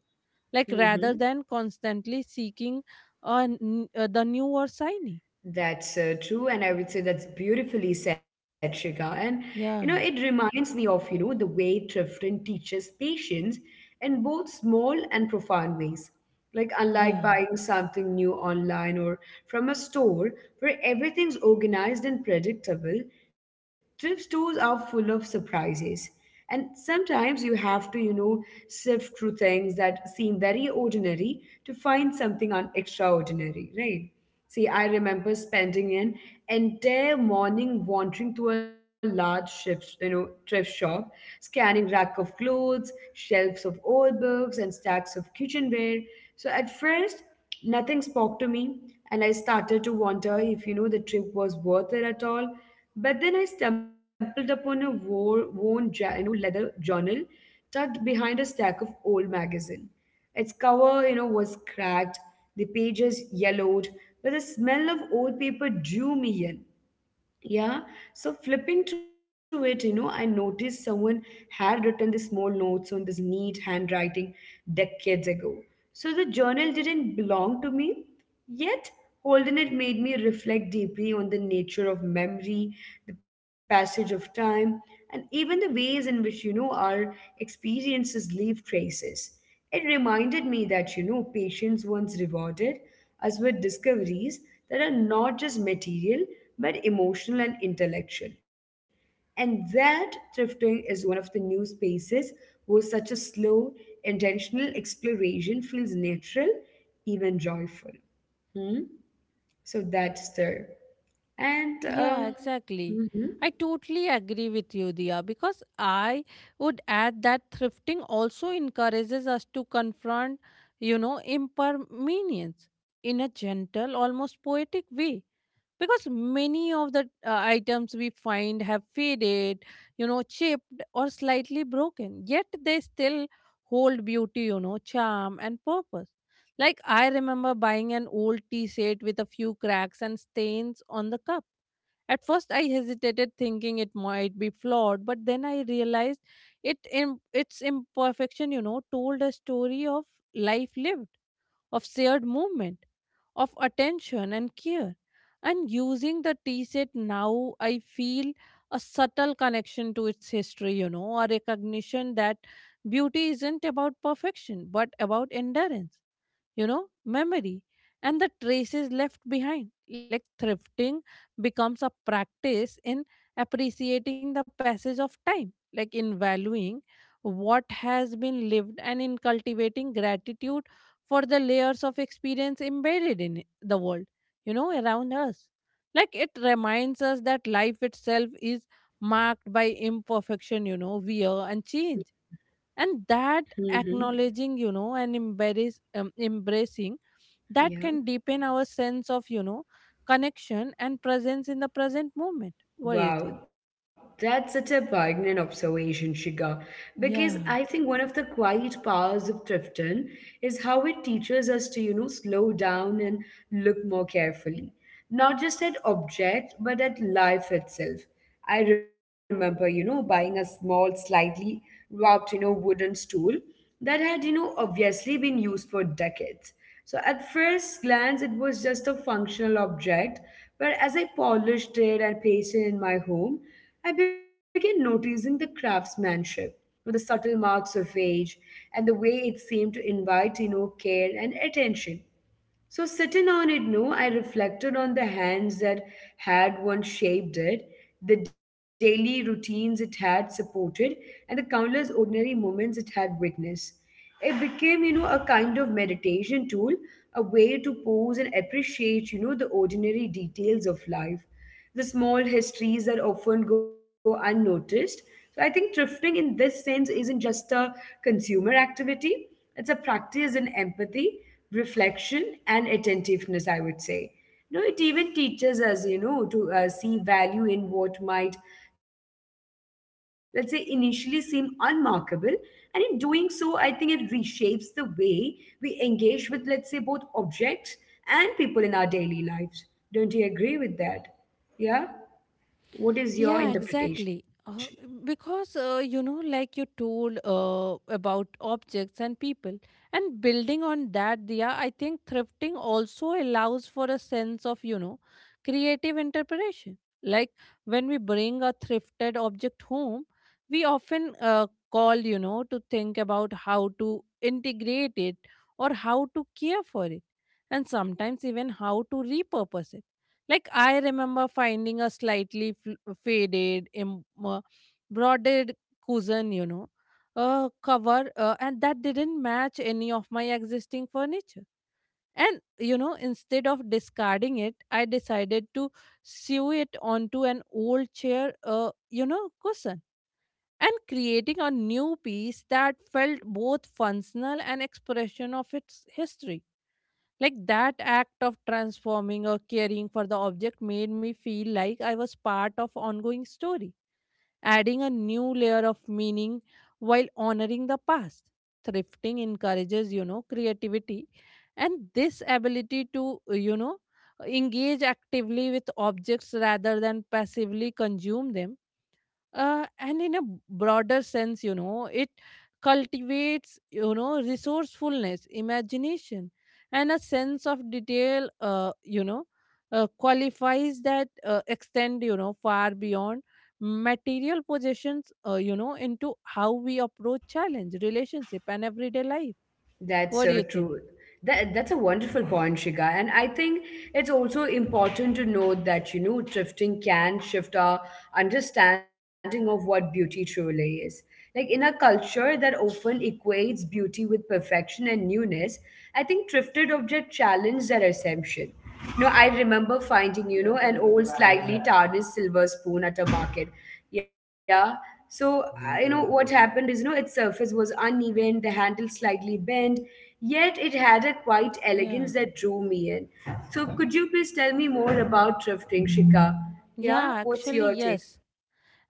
Like rather
Mm-hmm.
than constantly seeking the new or shiny.
That's true, and I would say that's beautifully said, Shika. And it
Yeah,
reminds me of the way Trifton teaches patience in both small and profound ways. Like
yeah.
unlike buying something new online or from a store where everything's organized and predictable, thrift stores are full of surprises. And sometimes you have to, sift through things that seem very ordinary to find something extraordinary, right? See, I remember spending an entire morning wandering through a large thrift shop, scanning rack of clothes, shelves of old books, and stacks of kitchenware. So at first, nothing spoke to me, and I started to wonder if the trip was worth it at all. But then I stumbled upon a worn, leather journal tucked behind a stack of old magazine. Its cover, was cracked, the pages yellowed, but the smell of old paper drew me in. Yeah, so flipping through it, I noticed someone had written the small notes on this neat handwriting decades ago. So the journal didn't belong to me, yet holding it made me reflect deeply on the nature of memory, the passage of time, and even the ways in which, our experiences leave traces. It reminded me that, patience once rewarded us with discoveries that are not just material, but emotional and intellectual. And that thrifting is one of the new spaces where such a slow, intentional exploration feels natural, even joyful. Hmm? So that's there. And,
Yeah, exactly.
hmm.
I totally agree with you, Dia, because I would add that thrifting also encourages us to confront, you know, impermanence in a gentle, almost poetic way. Because many of the items we find have faded, you know, chipped or slightly broken, yet they still hold beauty, you know, charm and purpose. Like I remember buying an old tea set with a few cracks and stains on the cup. At first, I hesitated, thinking it might be flawed, but then I realized its imperfection, you know, told a story of life lived, of shared movement, of attention and care. And using the tea set now, I feel a subtle connection to its history, you know, a recognition that beauty isn't about perfection, but about endurance, you know, memory and the traces left behind. Like thrifting becomes a practice in appreciating the passage of time, like in valuing what has been lived and in cultivating gratitude for the layers of experience embedded in it, the world, you know, around us. Like it reminds us that life itself is marked by imperfection, you know, wear and change, and that
Hmm.
acknowledging, you know, and embracing that can
Yeah.
deepen our sense of, you know, connection and presence in the present moment. What do you think?
Wow, that's such a poignant observation, Shiga. Because
Yeah.
I think one of the quiet powers of Tifton is how it teaches us to, slow down and look more carefully, not just at objects, but at life itself. I remember, buying a small, slightly warped, wooden stool that had, obviously been used for decades. So at first glance, it was just a functional object, but as I polished it and placed it in my home, I began noticing the craftsmanship, the subtle marks of age, and the way it seemed to invite, care and attention. So, sitting on it no, I reflected on the hands that had once shaped it, the daily routines it had supported, and the countless ordinary moments it had witnessed. It became, a kind of meditation tool, a way to pause and appreciate, the ordinary details of life, the small histories that often go unnoticed. So I think thrifting in this sense isn't just a consumer activity, it's a practice in empathy, reflection, and attentiveness, I would say. No, it even teaches us, to see value in what might, let's say, initially seem unmarkable. And in doing so, I think it reshapes the way we engage with, let's say, both objects and people in our daily lives. Don't you agree with that? Yeah. What is your
Yeah,
interpretation?
exactly. Because you know, like you told about objects and people, and building on that, Dia, I think thrifting also allows for a sense of, you know, creative interpretation. Like when we bring a thrifted object home, we often call, you know, to think about how to integrate it or how to care for it, and sometimes even how to repurpose it. Like I remember finding a slightly faded, broaded cousin, you know, cover, and that didn't match any of my existing furniture. And you know, instead of discarding it, I decided to sew it onto an old chair, you know, cushion, and creating a new piece that felt both functional and expression of its history. Like that act of transforming or caring for the object made me feel like I was part of ongoing story, adding a new layer of meaning while honoring the past. Thrifting encourages, you know, creativity and this ability to, you know, engage actively with objects rather than passively consume them, and in a broader sense, you know, it cultivates, you know, resourcefulness, imagination, and a sense of detail, you know, qualifies that extend, you know, far beyond material possessions, you know, into how we approach challenge, relationship, and everyday life.
That's
What do
so
you think?
true. That's a wonderful point, Shiga. And I think it's also important to note that, drifting can shift our understanding of what beauty truly is. Like in a culture that often equates beauty with perfection and newness, I think thrifted objects challenge that assumption. No, I remember finding, an old slightly tarnished silver spoon at a market. Yeah. So, what happened is, its surface was uneven, the handle slightly bent, yet it had a quite elegance
Yeah,
that drew me in. So, could you please tell me more about thrifting, Shika?
yeah
Yeah. What's
actually,
your take?
yes.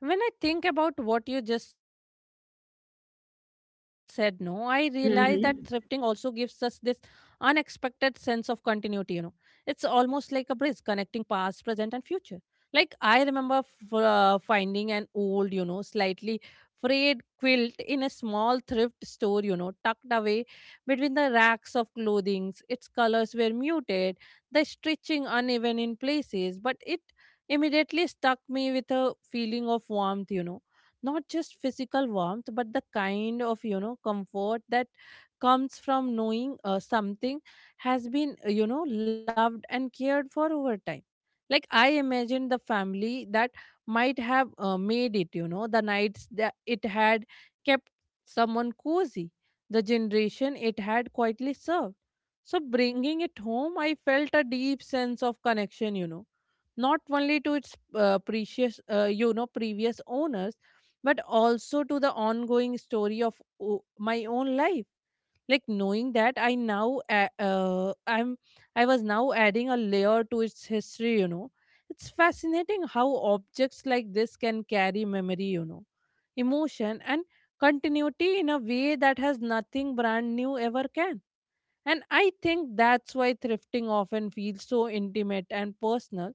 When I think about what you just said, no, I realize that thrifting also gives us this
Mm-hmm.
unexpected sense of continuity, you know. It's almost like a bridge connecting past, present, and future. Like, I remember finding an old, you know, slightly frayed quilt in a small thrift store, you know, tucked away between the racks of clothings. Its colors were muted, the stitching uneven in places, but it immediately stuck me with a feeling of warmth, you know. Not just physical warmth, but the kind of, you know, comfort that comes from knowing something has been, you know, loved and cared for over time. Like, I imagined the family that might have made it, you know, the nights that it had kept someone cozy, the generation it had quietly served. So, bringing it home, I felt a deep sense of connection, you know, not only to its precious you know, previous owners, but also to the ongoing story of my own life. Like knowing that I now a- I'm I was now adding a layer to its history you know it's fascinating how objects like this can carry memory you know emotion and continuity in a way that has nothing brand new ever can and I think that's why thrifting often feels so intimate and personal.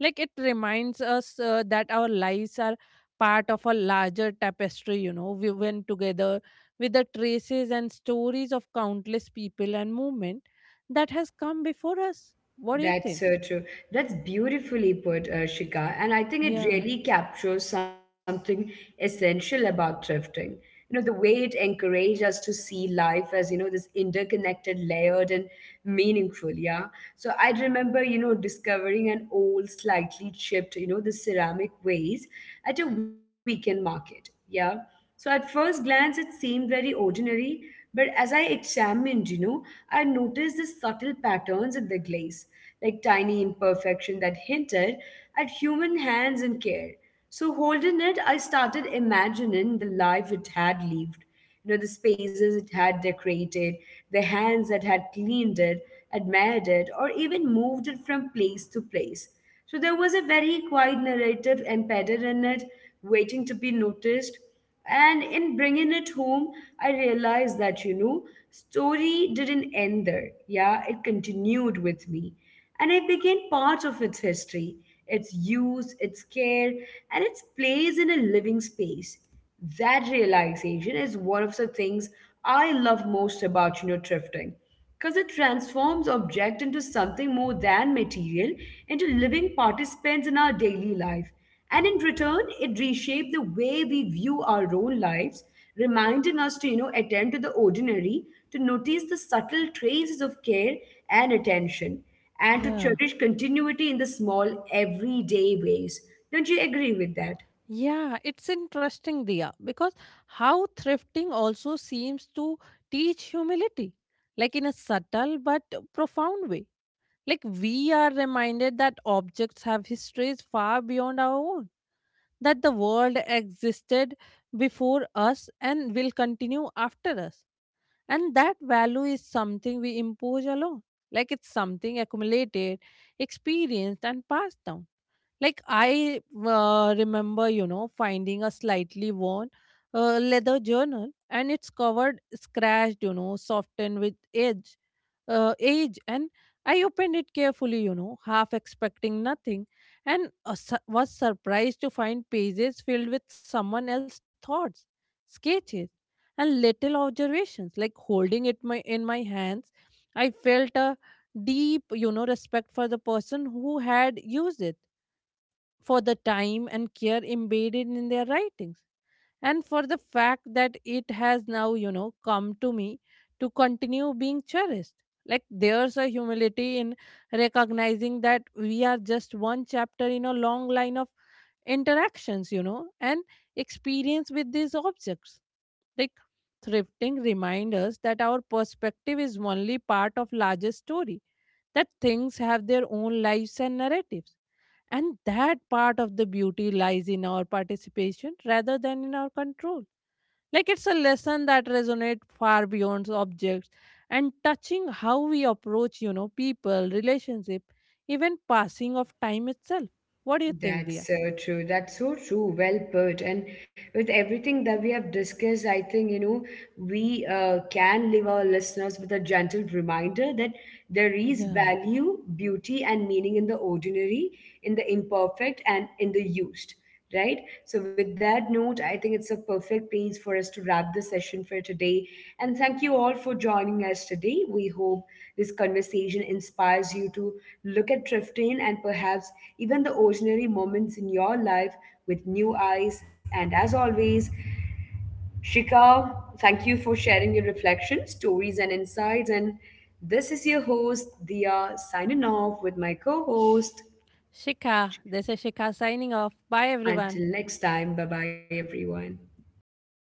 Like it reminds us that our lives are part of a larger tapestry, you know, we went together with the traces and stories of countless people and movement that has come before us. What do you
That's
think?
so true. That's beautifully put, Shika. And I think it
Yeah,
really captures something essential about thrifting. You know the way it encourages us to see life as, this interconnected, layered, and meaningful. Yeah. So I remember, discovering an old, slightly chipped, the ceramic vase at a weekend market. Yeah. So at first glance, it seemed very ordinary, but as I examined, I noticed the subtle patterns in the glaze, like tiny imperfection that hinted at human hands and care. So holding it, I started imagining the life it had lived, the spaces it had decorated, the hands that had cleaned it, admired it, or even moved it from place to place. So there was a very quiet narrative embedded in it, waiting to be noticed. And in bringing it home, I realized that, story didn't end there. Yeah, it continued with me. And I became part of its history, its use, its care, and its place in a living space. That realization is one of the things I love most about, thrifting, because it transforms object into something more than material, into living participants in our daily life. And in return, it reshapes the way we view our own lives, reminding us to, attend to the ordinary, to notice the subtle traces of care and attention, and to
yeah.
cherish continuity in the small everyday ways. Don't you agree with that?
Yeah, it's interesting, Dia, because how thrifting also seems to teach humility, like in a subtle but profound way. Like we are reminded that objects have histories far beyond our own, that the world existed before us and will continue after us. And that value is something we impose alone. Like it's something accumulated, experienced, and passed down. Like I remember, you know, finding a slightly worn leather journal, and it's covered, scratched, you know, softened with age, and I opened it carefully, you know, half expecting nothing, and was surprised to find pages filled with someone else's thoughts, sketches, and little observations. Like holding it my in my hands, I felt a deep, you know, respect for the person who had used it, for the time and care embedded in their writings, and for the fact that it has now, you know, come to me to continue being cherished. Like there's a humility in recognizing that we are just one chapter in a long line of interactions, you know, and experience with these objects. Like thrifting reminds us that our perspective is only part of larger story, that things have their own lives and narratives, and that part of the beauty lies in our participation rather than in our control. Like it's a lesson that resonates far beyond objects and touching how we approach, you know, people, relationship, even passing of time itself. What do you think,
That's
Dia?
so true. That's so true. Well put. And with everything that we have discussed, I think, we can leave our listeners with a gentle reminder that there is
Yeah.
value, beauty, and meaning in the ordinary, in the imperfect, and in the used, right? So, with that note, I think it's a perfect place for us to wrap the session for today. And thank you all for joining us today. We hope this conversation inspires you to look at thrifting and perhaps even the ordinary moments in your life with new eyes. And as always, Shika, thank you for sharing your reflections, stories, and insights. And this is your host, Dia, signing off with my co host.
Shikha, this is Shikha signing off. Bye, everyone.
Until next time, bye bye, everyone.